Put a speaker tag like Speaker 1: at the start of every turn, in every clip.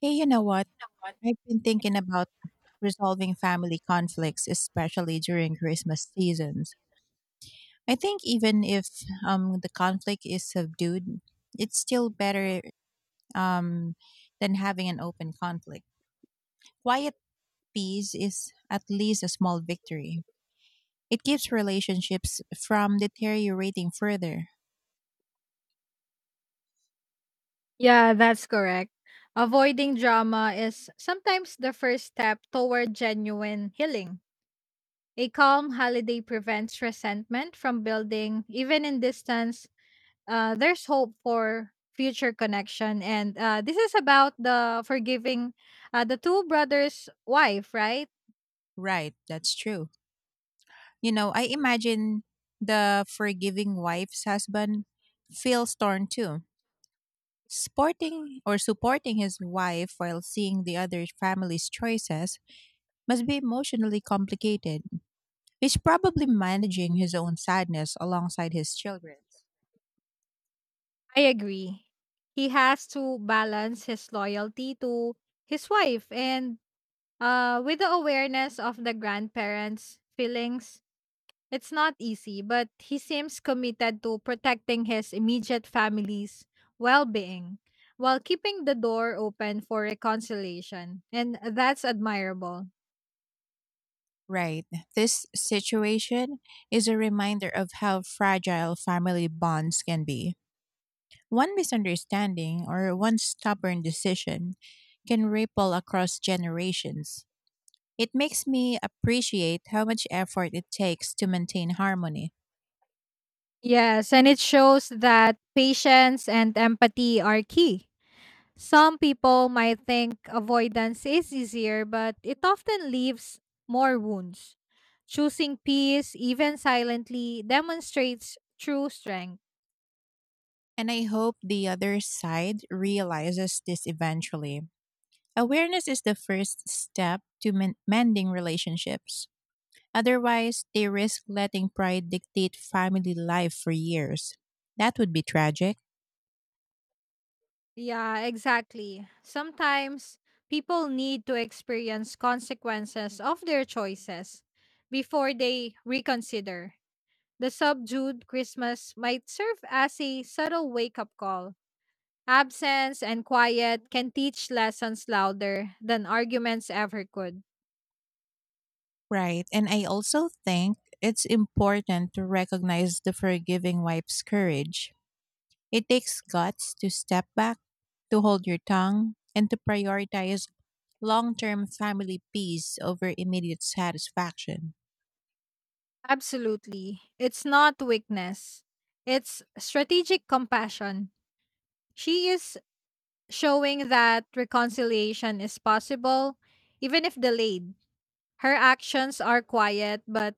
Speaker 1: Hey, you know
Speaker 2: You
Speaker 1: what?
Speaker 2: know what?
Speaker 1: I've been thinking about resolving family conflicts, especially during Christmas seasons. I think even if the conflict is subdued, it's still better um, than having an open conflict. Quiet peace is at least a small victory. It keeps relationships from deteriorating further.
Speaker 2: Yeah, that's correct. Avoiding drama is sometimes the first step toward genuine healing. A calm holiday prevents resentment from building, even in distance. There's hope for future connection, and this is about the forgiving the two brothers' wife, right?
Speaker 1: Right, that's true. You know, I imagine the forgiving wife's husband feels torn too. Sporting or Supporting his wife while seeing the other family's choices must be emotionally complicated. He's probably managing his own sadness alongside his children's.
Speaker 2: I agree. He has to balance his loyalty to his wife and with the awareness of the grandparents' feelings. It's not easy, but he seems committed to protecting his immediate family's well-being while keeping the door open for reconciliation, and that's admirable.
Speaker 1: Right. This situation is a reminder of how fragile family bonds can be. One misunderstanding or one stubborn decision can ripple across generations. It makes me appreciate how much effort it takes to maintain harmony.
Speaker 2: Yes, and it shows that patience and empathy are key. Some people might think avoidance is easier, but it often leaves more wounds. Choosing peace, even silently, demonstrates true strength.
Speaker 1: And I hope the other side realizes this eventually. Awareness is the first step to mending relationships. Otherwise, they risk letting pride dictate family life for years. That would be tragic.
Speaker 2: Yeah, exactly. Sometimes people need to experience consequences of their choices before they reconsider. The subdued Christmas might serve as a subtle wake up call. Absence and quiet can teach lessons louder than arguments ever could.
Speaker 1: Right. And I also think it's important to recognize the forgiving wife's courage. It takes guts to step back, to hold your tongue, and to prioritize long term family peace over immediate satisfaction.
Speaker 2: Absolutely. It's not weakness, it's strategic compassion. She is showing that reconciliation is possible, even if delayed. Her actions are quiet but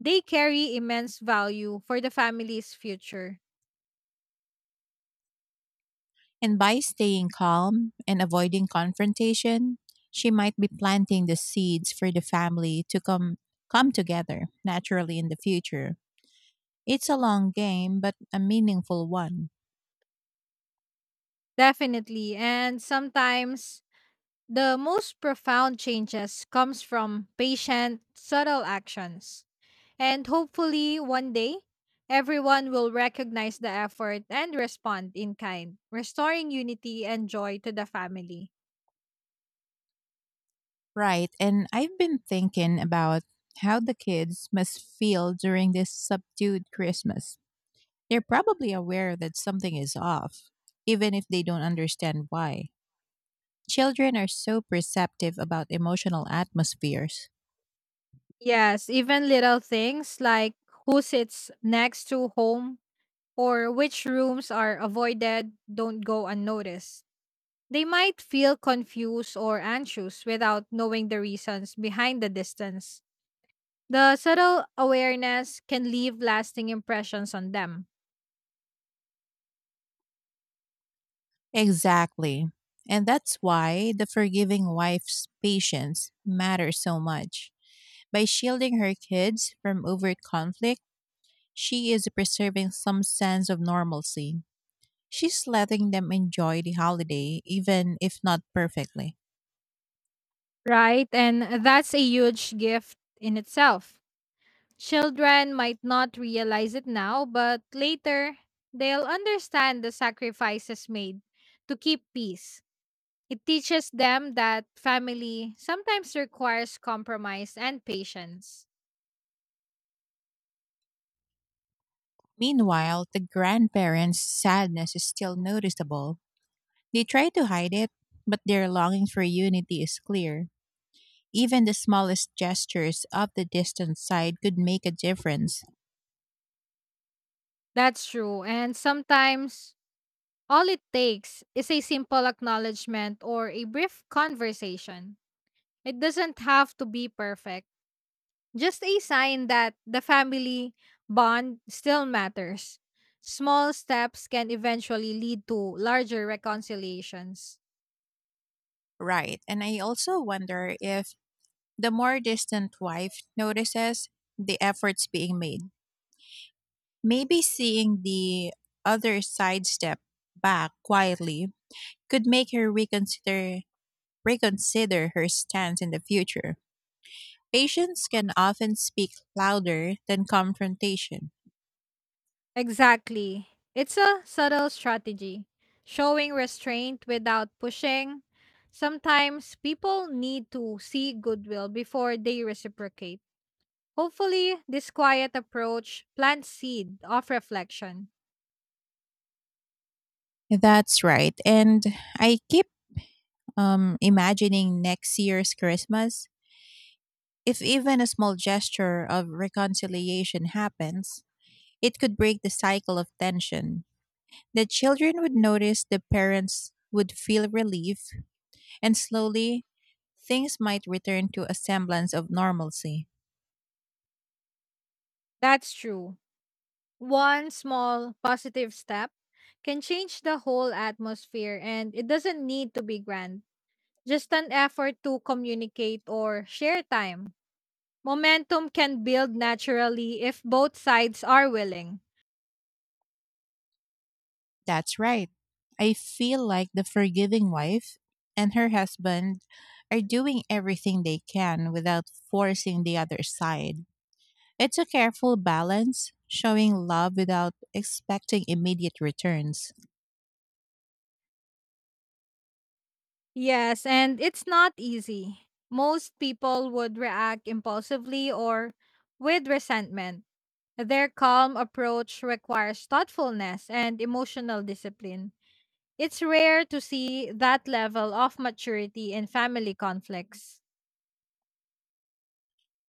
Speaker 2: they carry immense value for the family's future.
Speaker 1: And by staying calm and avoiding confrontation, she might be planting the seeds for the family to come together naturally in the future. It's a long game but a meaningful one.
Speaker 2: Definitely. And sometimes the most profound changes comes from patient, subtle actions. And hopefully one day everyone will recognize the effort and respond in kind, restoring unity and joy to the family.
Speaker 1: Right, and I've been thinking about how the kids must feel during this subdued Christmas. They're probably aware that something is off, even if they don't understand why. Children are so perceptive about emotional atmospheres.
Speaker 2: Yes, even little things like who sits next to whom or which rooms are avoided don't go unnoticed. They might feel confused or anxious without knowing the reasons behind the distance. The subtle awareness can leave lasting impressions on them,
Speaker 1: Exactly. And that's why the forgiving wife's patience matters so much. By shielding her kids from overt conflict, she is preserving some sense of normalcy. She's letting them enjoy the holiday, even if not perfectly.
Speaker 2: right? And that's a huge gift in itself. Children might not realize it now, but later they'll understand the sacrifices made to keep peace. It teaches them that family sometimes requires compromise and patience.
Speaker 1: Meanwhile, the grandparents' sadness is still noticeable. They try to hide it, but their longing for unity is clear. Even the smallest gestures of the distant side could make a difference.
Speaker 2: That's true. And sometimes all it takes is a simple acknowledgement or a brief conversation. It doesn't have to be perfect, just a sign that the family bond still matters. Small steps can eventually lead to larger reconciliations.
Speaker 1: Right. And I also wonder if the more distant wife notices the efforts being made. Maybe seeing the other side step back quietly could make her reconsider her stance in the future. Patience can often speak louder than confrontation.
Speaker 2: Exactly. It's a subtle strategy, showing restraint without pushing. Sometimes people need to see goodwill before they reciprocate. Hopefully, this quiet approach plants seed of reflection.
Speaker 1: That's right. And I keep imagining next year's Christmas. If even a small gesture of reconciliation happens, it could break the cycle of tension. The children would notice, the parents would feel relief. And slowly, things might return to a semblance of normalcy.
Speaker 2: That's true. One small positive step can change the whole atmosphere, and it doesn't need to be grand. Just an effort to communicate or share time. Momentum can build naturally if both sides are willing.
Speaker 1: That's right. I feel like the forgiving wife and her husband are doing everything they can without forcing the other side. It's a careful balance, showing love without expecting immediate returns.
Speaker 2: Yes, and it's not easy. Most people would react impulsively or with resentment. Their calm approach requires thoughtfulness and emotional discipline. It's rare to see that level of maturity in family conflicts.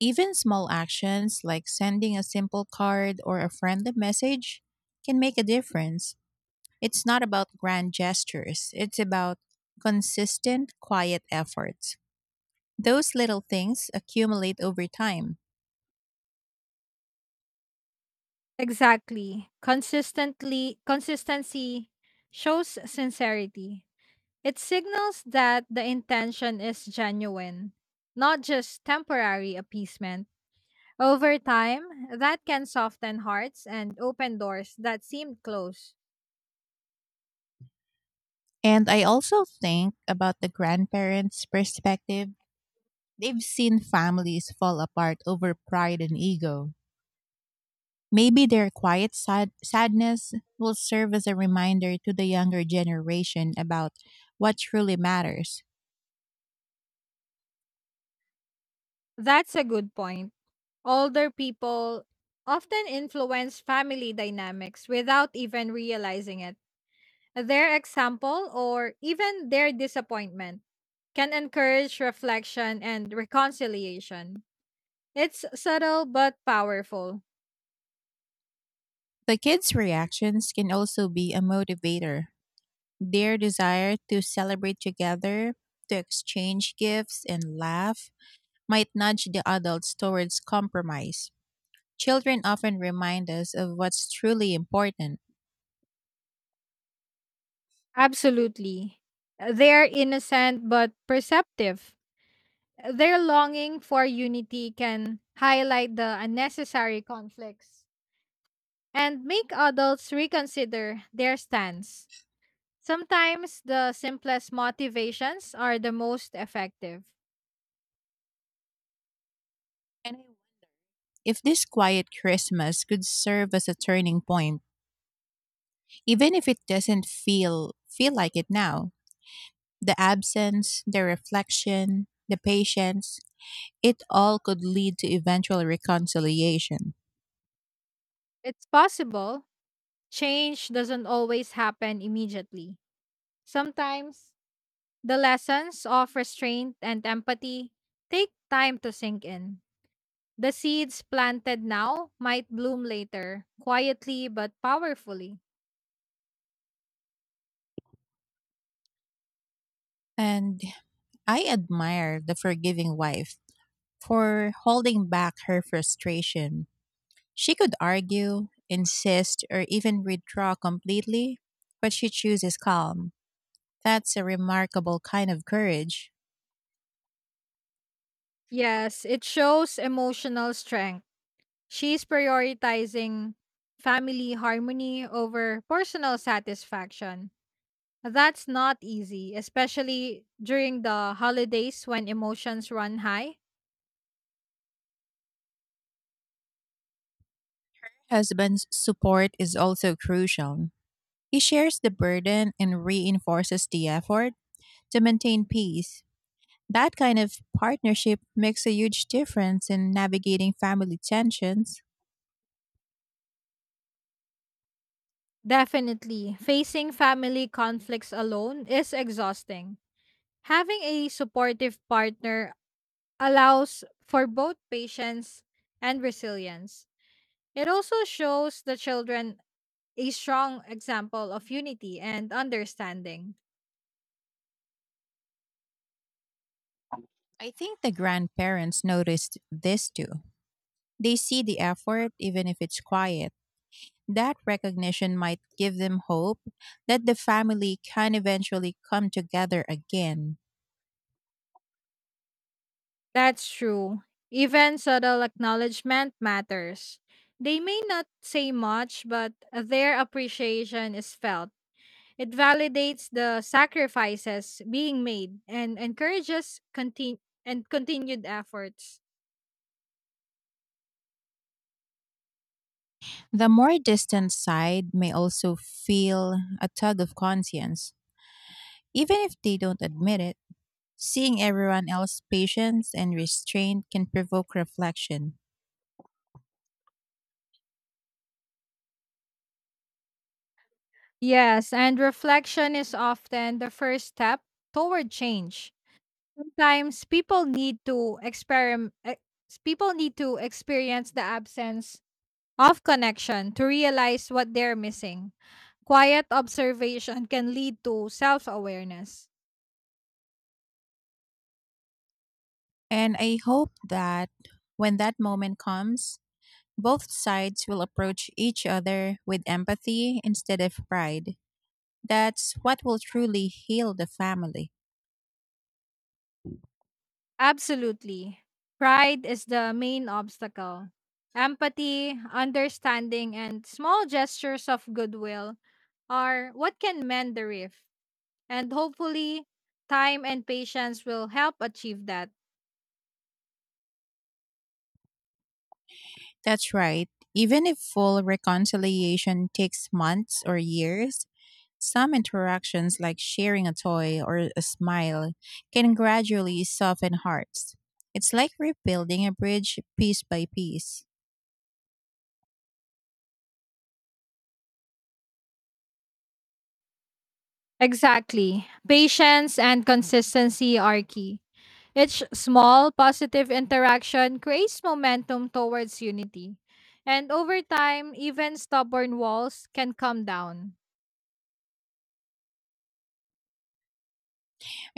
Speaker 1: Even small actions like sending a simple card or a friendly message can make a difference. It's not about grand gestures, it's about consistent, quiet efforts. Those little things accumulate over time.
Speaker 2: Exactly. Consistently consistency shows sincerity. It signals that the intention is genuine, not just temporary appeasement. Over time, that can soften hearts and open doors that seemed closed.
Speaker 1: And I also think about the grandparents' perspective. They've seen families fall apart over pride and ego. Maybe their quiet sadness will serve as a reminder to the younger generation about what truly matters.
Speaker 2: That's a good point. Older people often influence family dynamics without even realizing it. Their example or even their disappointment can encourage reflection and reconciliation. It's subtle but powerful.
Speaker 1: The kids' reactions can also be a motivator. Their desire to celebrate together, to exchange gifts and laugh, might nudge the adults towards compromise. Children often remind us of what's truly important.
Speaker 2: Absolutely. They are innocent but perceptive. Their longing for unity can highlight the unnecessary conflicts and make adults reconsider their stance. Sometimes the simplest motivations are the most effective.
Speaker 1: And I wonder if this quiet Christmas could serve as a turning point. Even if it doesn't feel like it now, the absence, the reflection, the patience, it all could lead to eventual reconciliation.
Speaker 2: It's possible. Change doesn't always happen immediately. Sometimes the lessons of restraint and empathy take time to sink in. The seeds planted now might bloom later, quietly but powerfully.
Speaker 1: And I admire the forgiving wife for holding back her frustration. She could argue, insist, or even withdraw completely, but she chooses calm. That's a remarkable kind of courage.
Speaker 2: Yes, it shows emotional strength. She's prioritizing family harmony over personal satisfaction. That's not easy, especially during the holidays when emotions run high.
Speaker 1: Her husband's support is also crucial. He shares the burden and reinforces the effort to maintain peace. That kind of partnership makes a huge difference in navigating family tensions.
Speaker 2: Definitely. Facing family conflicts alone is exhausting. Having a supportive partner allows for both patience and resilience. It also shows the children a strong example of unity and understanding.
Speaker 1: I think the grandparents noticed this too. They see the effort, even if it's quiet. That recognition might give them hope that the family can eventually come together again.
Speaker 2: That's true. Even subtle acknowledgement matters. They may not say much, but their appreciation is felt. It validates the sacrifices being made and encourages and continued efforts.
Speaker 1: The more distant side may also feel a tug of conscience, even if they don't admit it. Seeing everyone else's patience and restraint can provoke reflection.
Speaker 2: Yes, and reflection is often the first step toward change. Sometimes people need to experience the absence of connection to realize what they're missing. Quiet observation can lead to self-awareness.
Speaker 1: And I hope that when that moment comes, both sides will approach each other with empathy instead of pride. That's what will truly heal the family.
Speaker 2: Absolutely. Pride is the main obstacle. Empathy, understanding, and small gestures of goodwill are what can mend the rift. And hopefully, time and patience will help achieve that.
Speaker 1: That's right. Even if full reconciliation takes months or years, some interactions like sharing a toy or a smile can gradually soften hearts. It's like rebuilding a bridge piece by piece.
Speaker 2: Exactly. Patience and consistency are key. Each small positive interaction creates momentum towards unity. And over time, even stubborn walls can come down.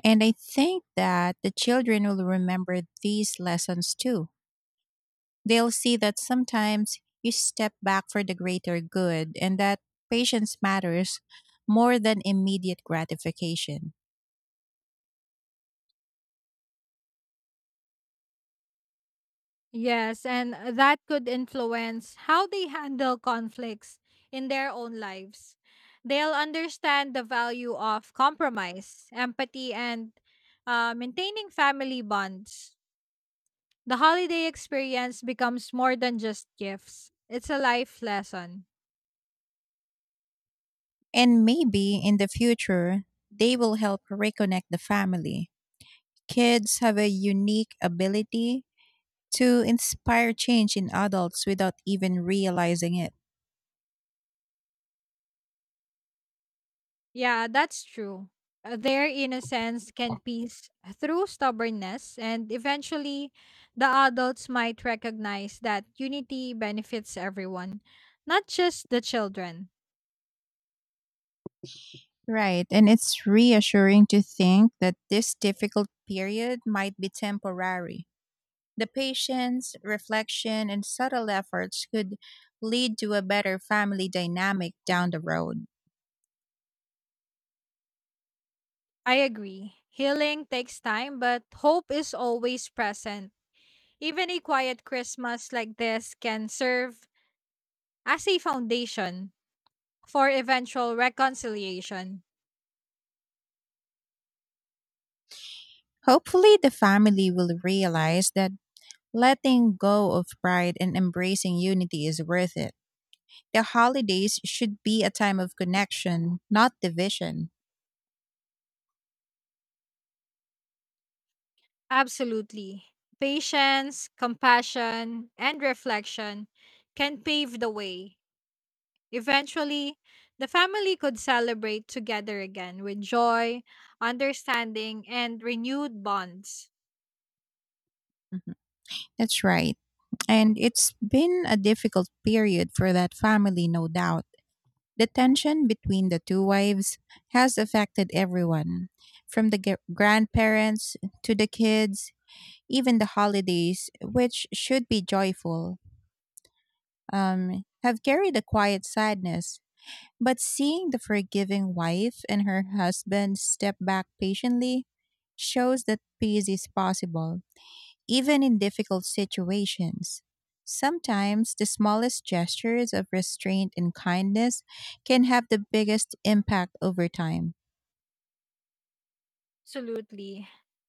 Speaker 1: And I think that the children will remember these lessons too. They'll see that sometimes you step back for the greater good, and that patience matters more than immediate gratification.
Speaker 2: Yes, and that could influence how they handle conflicts in their own lives. They'll understand the value of compromise, empathy, and maintaining family bonds. The holiday experience becomes more than just gifts, it's a life lesson.
Speaker 1: And maybe in the future, they will help reconnect the family. Kids have a unique ability to inspire change in adults without even realizing it.
Speaker 2: Yeah, that's true. Their innocence can piece through stubbornness, and eventually, the adults might recognize that unity benefits everyone, not just the children.
Speaker 1: Right. And it's reassuring to think that this difficult period might be temporary. The patience, reflection, and subtle efforts could lead to a better family dynamic down the road.
Speaker 2: I agree. Healing takes time, but hope is always present. Even a quiet Christmas like this can serve as a foundation for eventual reconciliation.
Speaker 1: Hopefully, the family will realize that letting go of pride and embracing unity is worth it. The holidays should be a time of connection, not division.
Speaker 2: Absolutely. Patience, compassion, and reflection can pave the way. Eventually, the family could celebrate together again with joy, understanding, and renewed bonds.
Speaker 1: Mhm. That's right. And it's been a difficult period for that family, no doubt. The tension between the two wives has affected everyone, from the grandparents to the kids, even the holidays, which should be joyful, have carried a quiet sadness. But seeing the forgiving wife and her husband step back patiently shows that peace is possible even in difficult situations. Sometimes the smallest gestures of restraint and kindness can have the biggest impact over time.
Speaker 2: Absolutely.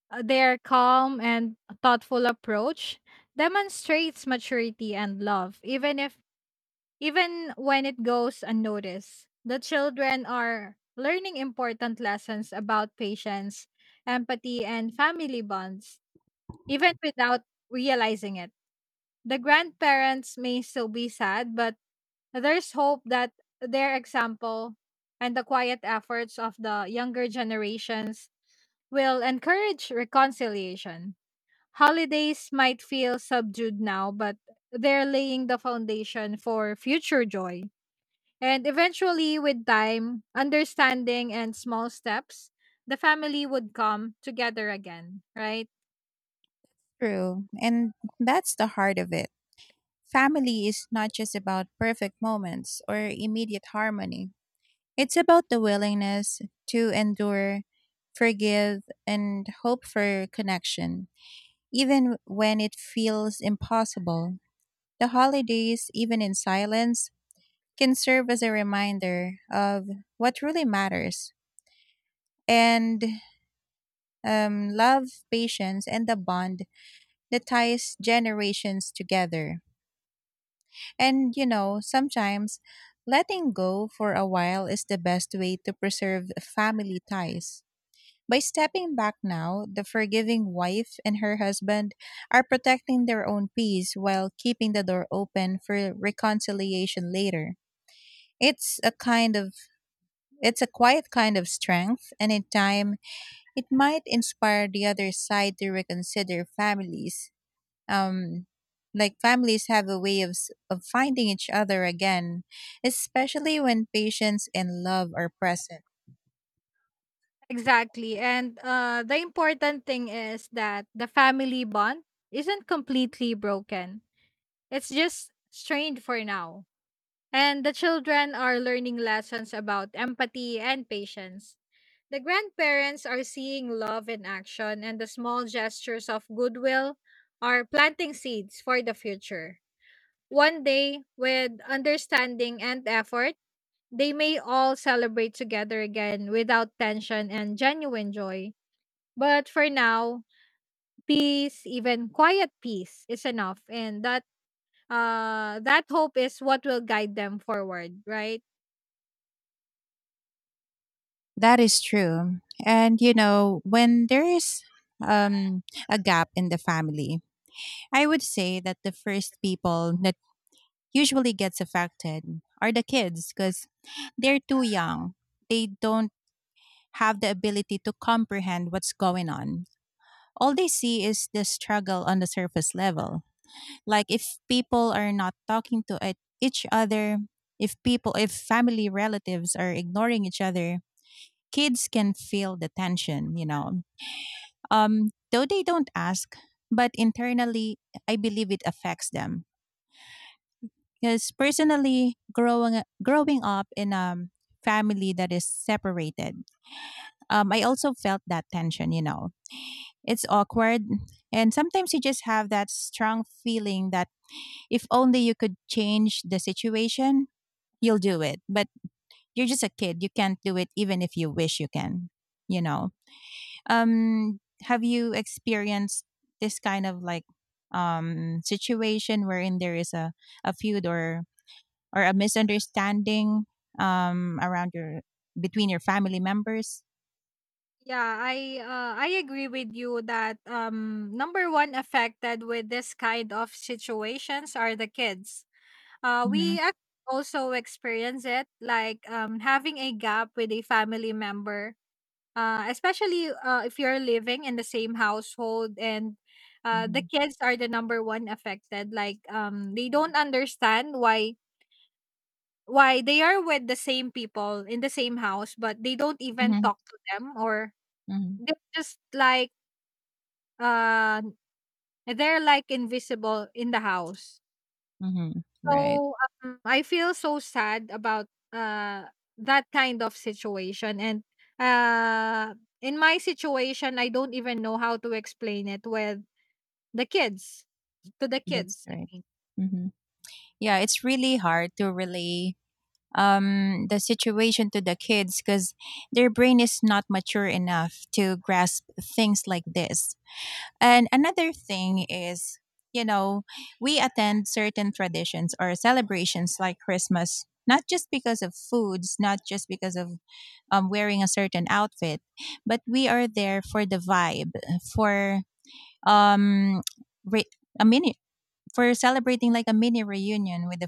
Speaker 2: Their calm and thoughtful approach demonstrates maturity and love, even if even when it goes unnoticed. The children are learning important lessons about patience, empathy, and family bonds, even without realizing it. The grandparents may still be sad, but there's hope that their example and the quiet efforts of the younger generations will encourage reconciliation. Holidays might feel subdued now, but they're laying the foundation for future joy. And eventually, with time, understanding, and small steps, the family would come together again, right?
Speaker 1: True. And that's the heart of it. Family is not just about perfect moments or immediate harmony. It's about the willingness to endure, forgive, and hope for connection, even when it feels impossible. The holidays, even in silence, can serve as a reminder of what really matters, and love, patience, and the bond that ties generations together. And you know, sometimes letting go for a while is the best way to preserve family ties. By stepping back now, the forgiving wife and her husband are protecting their own peace while keeping the door open for reconciliation later. It's a kind of it's a quiet kind of strength, and in time it might inspire the other side to reconsider. Families, um like families, have a way of of finding each other again, especially when patience and love are present.
Speaker 2: Exactly. And the important thing is that the family bond isn't completely broken, it's just strained for now. And the children are learning lessons about empathy and patience. The grandparents are seeing love in action, and the small gestures of goodwill are planting seeds for the future. One day, with understanding and effort, they may all celebrate together again without tension and genuine joy. But for now, peace, even quiet peace, is enough, and that hope is what will guide them forward, right?
Speaker 1: That is true. And you know, when there is um a gap in the family, I would say that the first people that usually gets affected are the kids, because they're too young, they don't have the ability to comprehend what's going on. All they see is the struggle on the surface level. Like if people are not talking to each other, if family relatives are ignoring each other, kids can feel the tension, you know. Though they don't ask, but internally, I believe it affects them. Because personally, growing up in a family that is separated, I also felt that tension. You know, it's awkward, and sometimes you just have that strong feeling that if only you could change the situation, you'll do it. But you're just a kid. You can't do it even if you wish you can, you know. Have you experienced this kind of like situation wherein there is a feud or a misunderstanding around your, between your family members?
Speaker 2: Yeah, I agree with you that number one affected with this kind of situations are the kids. Uh,
Speaker 1: Mhm.
Speaker 2: we ac- Also experience it like having a gap with a family member, especially if you're living in the same household and the
Speaker 1: Mhm.
Speaker 2: kids are the number one affected. Like they don't understand why they are with the same people in the same house, but they don't even
Speaker 1: Mhm.
Speaker 2: talk to them or
Speaker 1: Mhm.
Speaker 2: they're just like uh, they're like invisible in the house.
Speaker 1: Mhm. Right.
Speaker 2: So, I feel so sad about that kind of situation and uh in my situation I don't even know how to explain it with the kids to the
Speaker 1: That's
Speaker 2: kids.
Speaker 1: right. Mhm. Yeah, it's really hard to relay the situation to the kids because their brain is not mature enough to grasp things like this. And another thing is, you know, we attend certain traditions or celebrations like Christmas, not just because of foods, not just because of wearing a certain outfit, but we are there for the vibe, for um, re- a mini- for celebrating like a mini reunion with the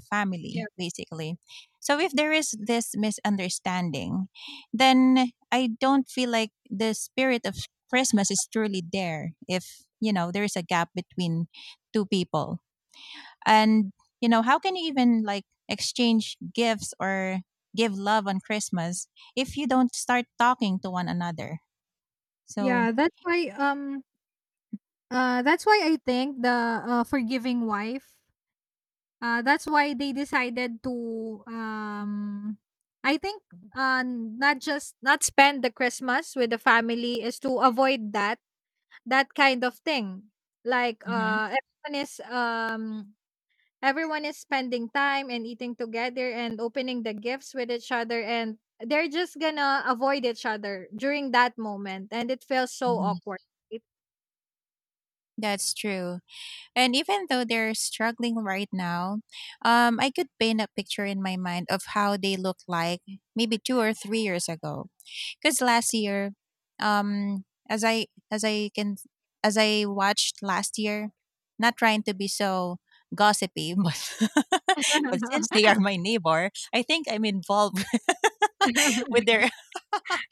Speaker 2: Yeah.
Speaker 1: family, basically. So if there is this misunderstanding, then I don't feel like the spirit of Christmas is truly there if you know there is a gap between two people. And, you know, how can you even like exchange gifts or give love on Christmas if you don't start talking to one another? So,
Speaker 2: Yeah, that's why I think the forgiving wife that's why they decided to I think not just not spend the Christmas with the family is to avoid that kind of thing. Like
Speaker 1: mhm,
Speaker 2: everyone is spending time and eating together and opening the gifts with each other and they're just gonna avoid each other during that moment and it feels so
Speaker 1: mhm.
Speaker 2: awkward. It-
Speaker 1: That's true. And even though they're struggling right now, I could paint a picture in my mind of how they looked like maybe 2 or 3 years ago. Because last year, um, as I as I can as I watched last year, not trying to be so gossipy, but since they are my neighbor, I think I'm involved with their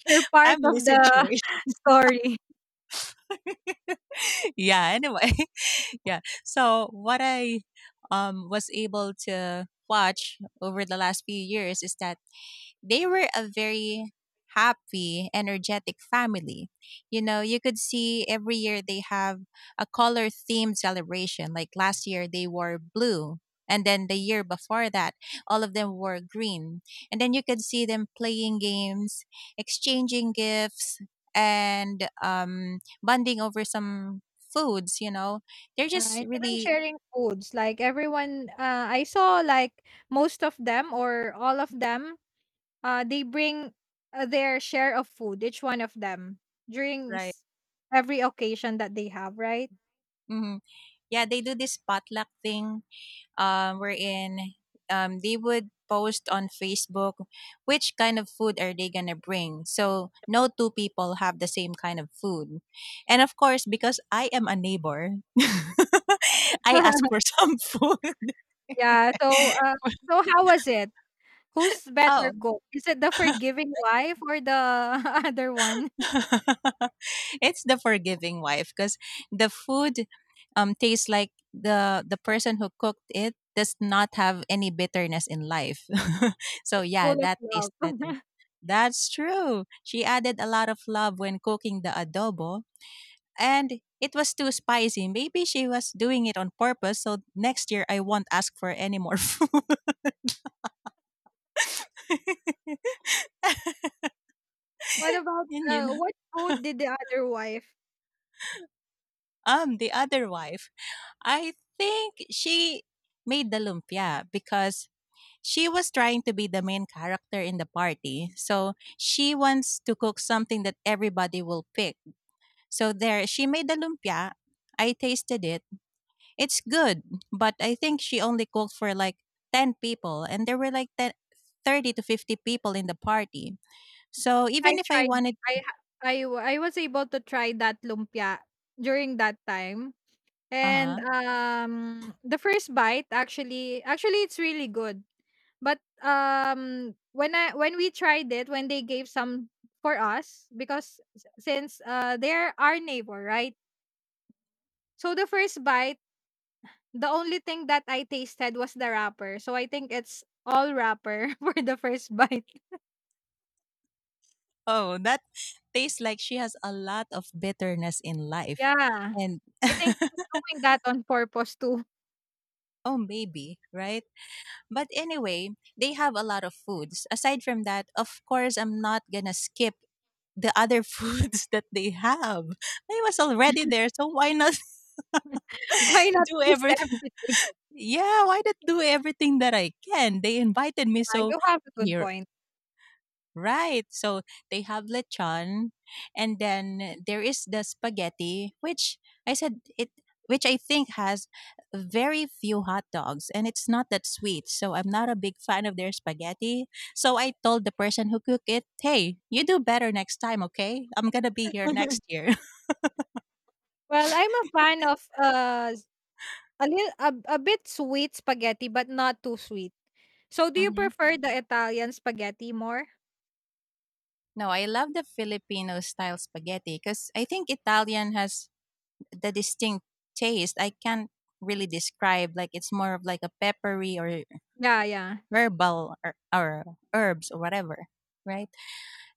Speaker 2: You're part
Speaker 1: family
Speaker 2: of the
Speaker 1: situation.
Speaker 2: story.
Speaker 1: Yeah. Anyway, yeah. So what I was able to watch over the last few years is that they were a very happy, energetic family. You know, you could see every year they have a color themed celebration. Like last year, they wore blue. And then the year before that, all of them wore green. And then you could see them playing games, exchanging gifts, and bonding over some foods. They're
Speaker 2: Yeah, and
Speaker 1: just
Speaker 2: even
Speaker 1: really.
Speaker 2: sharing foods, like everyone, I saw like most of them or all of them they bring their share of food, each one of them, during
Speaker 1: Right.
Speaker 2: s- every occasion that they have, right?
Speaker 1: Hmm. Yeah, they do this potluck thing, wherein they would post on Facebook which kind of food are they gonna bring. So no two people have the same kind of food, and of course because I am a neighbor, I ask for some food.
Speaker 2: Yeah. So, so how was it? Who's
Speaker 1: Oh,
Speaker 2: better cook? Is it the forgiving wife or the other one?
Speaker 1: it's the forgiving wife because the food tastes like the person who cooked it does not have any bitterness in life. So
Speaker 2: It's full
Speaker 1: yeah,
Speaker 2: of
Speaker 1: that
Speaker 2: love.
Speaker 1: tastes better. That's true. She added a lot of love when cooking the adobo, and it was too spicy. Maybe she was doing it on purpose so next year I won't ask for any more food.
Speaker 2: What about
Speaker 1: Yun yun.
Speaker 2: what food did the other wife?
Speaker 1: The other wife, I think she made the lumpia because she was trying to be the main character in the party, so she wants to cook something that everybody will pick. So there, she made the lumpia. I tasted it. It's good, but I think she only cooked for like 10 people, and there were like 10, 30 to 50 people in the party. So
Speaker 2: I
Speaker 1: even if I
Speaker 2: tried.
Speaker 1: wanted.
Speaker 2: I ha- I w- I was able to try that lumpia during that time.
Speaker 1: Uh
Speaker 2: And
Speaker 1: huh.
Speaker 2: the first bite actually it's really good. But when I when we tried it, when they gave some for us, because since they're our neighbor, right? So the first bite, the only thing that I tasted was the wrapper. So I think it's all wrapper for the first bite.
Speaker 1: Oh, that tastes like she has a lot of bitterness in life.
Speaker 2: Yeah.
Speaker 1: And
Speaker 2: I think she's doing that on purpose too.
Speaker 1: oh, maybe, right? But anyway, they have a lot of foods. Aside from that, of course, I'm not gonna skip the other foods that they have. I was already there, so why not
Speaker 2: Why not
Speaker 1: do
Speaker 2: taste
Speaker 1: everything?
Speaker 2: everything?
Speaker 1: Yeah, why not do everything that I can? They invited me,
Speaker 2: Yeah,
Speaker 1: so
Speaker 2: you have a good
Speaker 1: here.
Speaker 2: point.
Speaker 1: Right. So they have lechon, and then there is the spaghetti, which I said it, which I think has very few hot dogs and it's not that sweet. So I'm not a big fan of their spaghetti. So I told the person who cooked it, "Hey, you do better next time, okay? I'm going to be here next year."
Speaker 2: Well, I'm a fan of a a bit sweet spaghetti, but not too sweet. So, do you
Speaker 1: Mhm.
Speaker 2: prefer the Italian spaghetti more?
Speaker 1: No, I love the Filipino style spaghetti because I think Italian has the distinct taste. I can't really describe, like it's more of like a peppery or
Speaker 2: Yeah, yeah.
Speaker 1: herbal or herbs or whatever, right?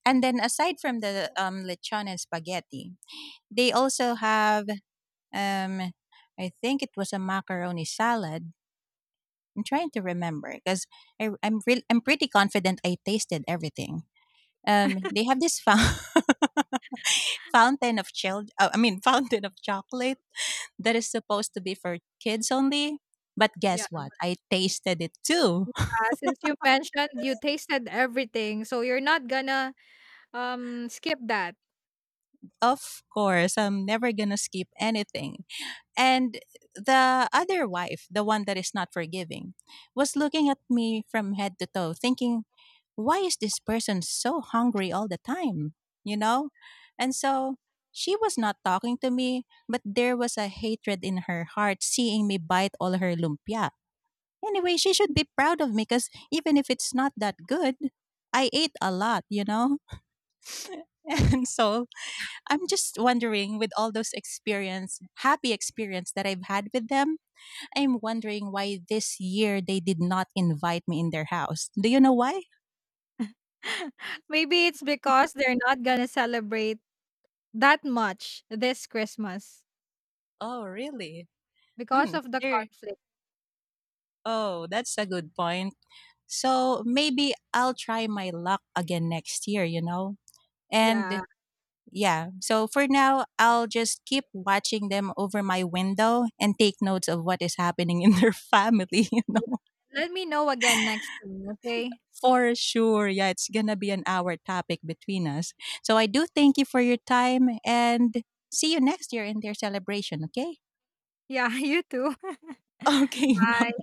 Speaker 1: And then aside from the lechon and spaghetti, they also have, um, I think it was a macaroni salad. I'm trying to remember because I'm pretty confident I tasted everything. They have this fountain, fountain of child I mean fountain of chocolate that is supposed to be for kids only, but
Speaker 2: Yeah.
Speaker 1: guess what, I tasted it too.
Speaker 2: Since you mentioned you tasted everything, so you're not gonna skip that.
Speaker 1: Of course, I'm never gonna skip anything. And the other wife, the one that is not forgiving, was looking at me from head to toe, thinking, why is this person so hungry all the time? You know? And so she was not talking to me, but there was a hatred in her heart seeing me bite all her lumpia. Anyway, she should be proud of me because even if it's not that good, I ate a lot, you know? And so I'm just wondering, with all those experience, happy experience that I've had with them, I'm wondering why this year they did not invite me in their house. Do you know why?
Speaker 2: Maybe it's because they're not gonna celebrate that much this Christmas
Speaker 1: Oh, really?
Speaker 2: because
Speaker 1: Hmm.
Speaker 2: of the
Speaker 1: There.
Speaker 2: conflict.
Speaker 1: Oh, that's a good point. So maybe I'll try my luck again next year, you know?
Speaker 2: Yeah.
Speaker 1: And yeah, so for now, I'll just keep watching them over my window and take notes of what is happening in their family, you
Speaker 2: Yeah.
Speaker 1: know?
Speaker 2: Let me know again next time, okay?
Speaker 1: For sure. Yeah, it's gonna be an hour topic between us. So I do thank you for your time, and see you next year in their celebration, okay?
Speaker 2: Yeah, you too.
Speaker 1: Okay,
Speaker 2: Bye.
Speaker 1: bye.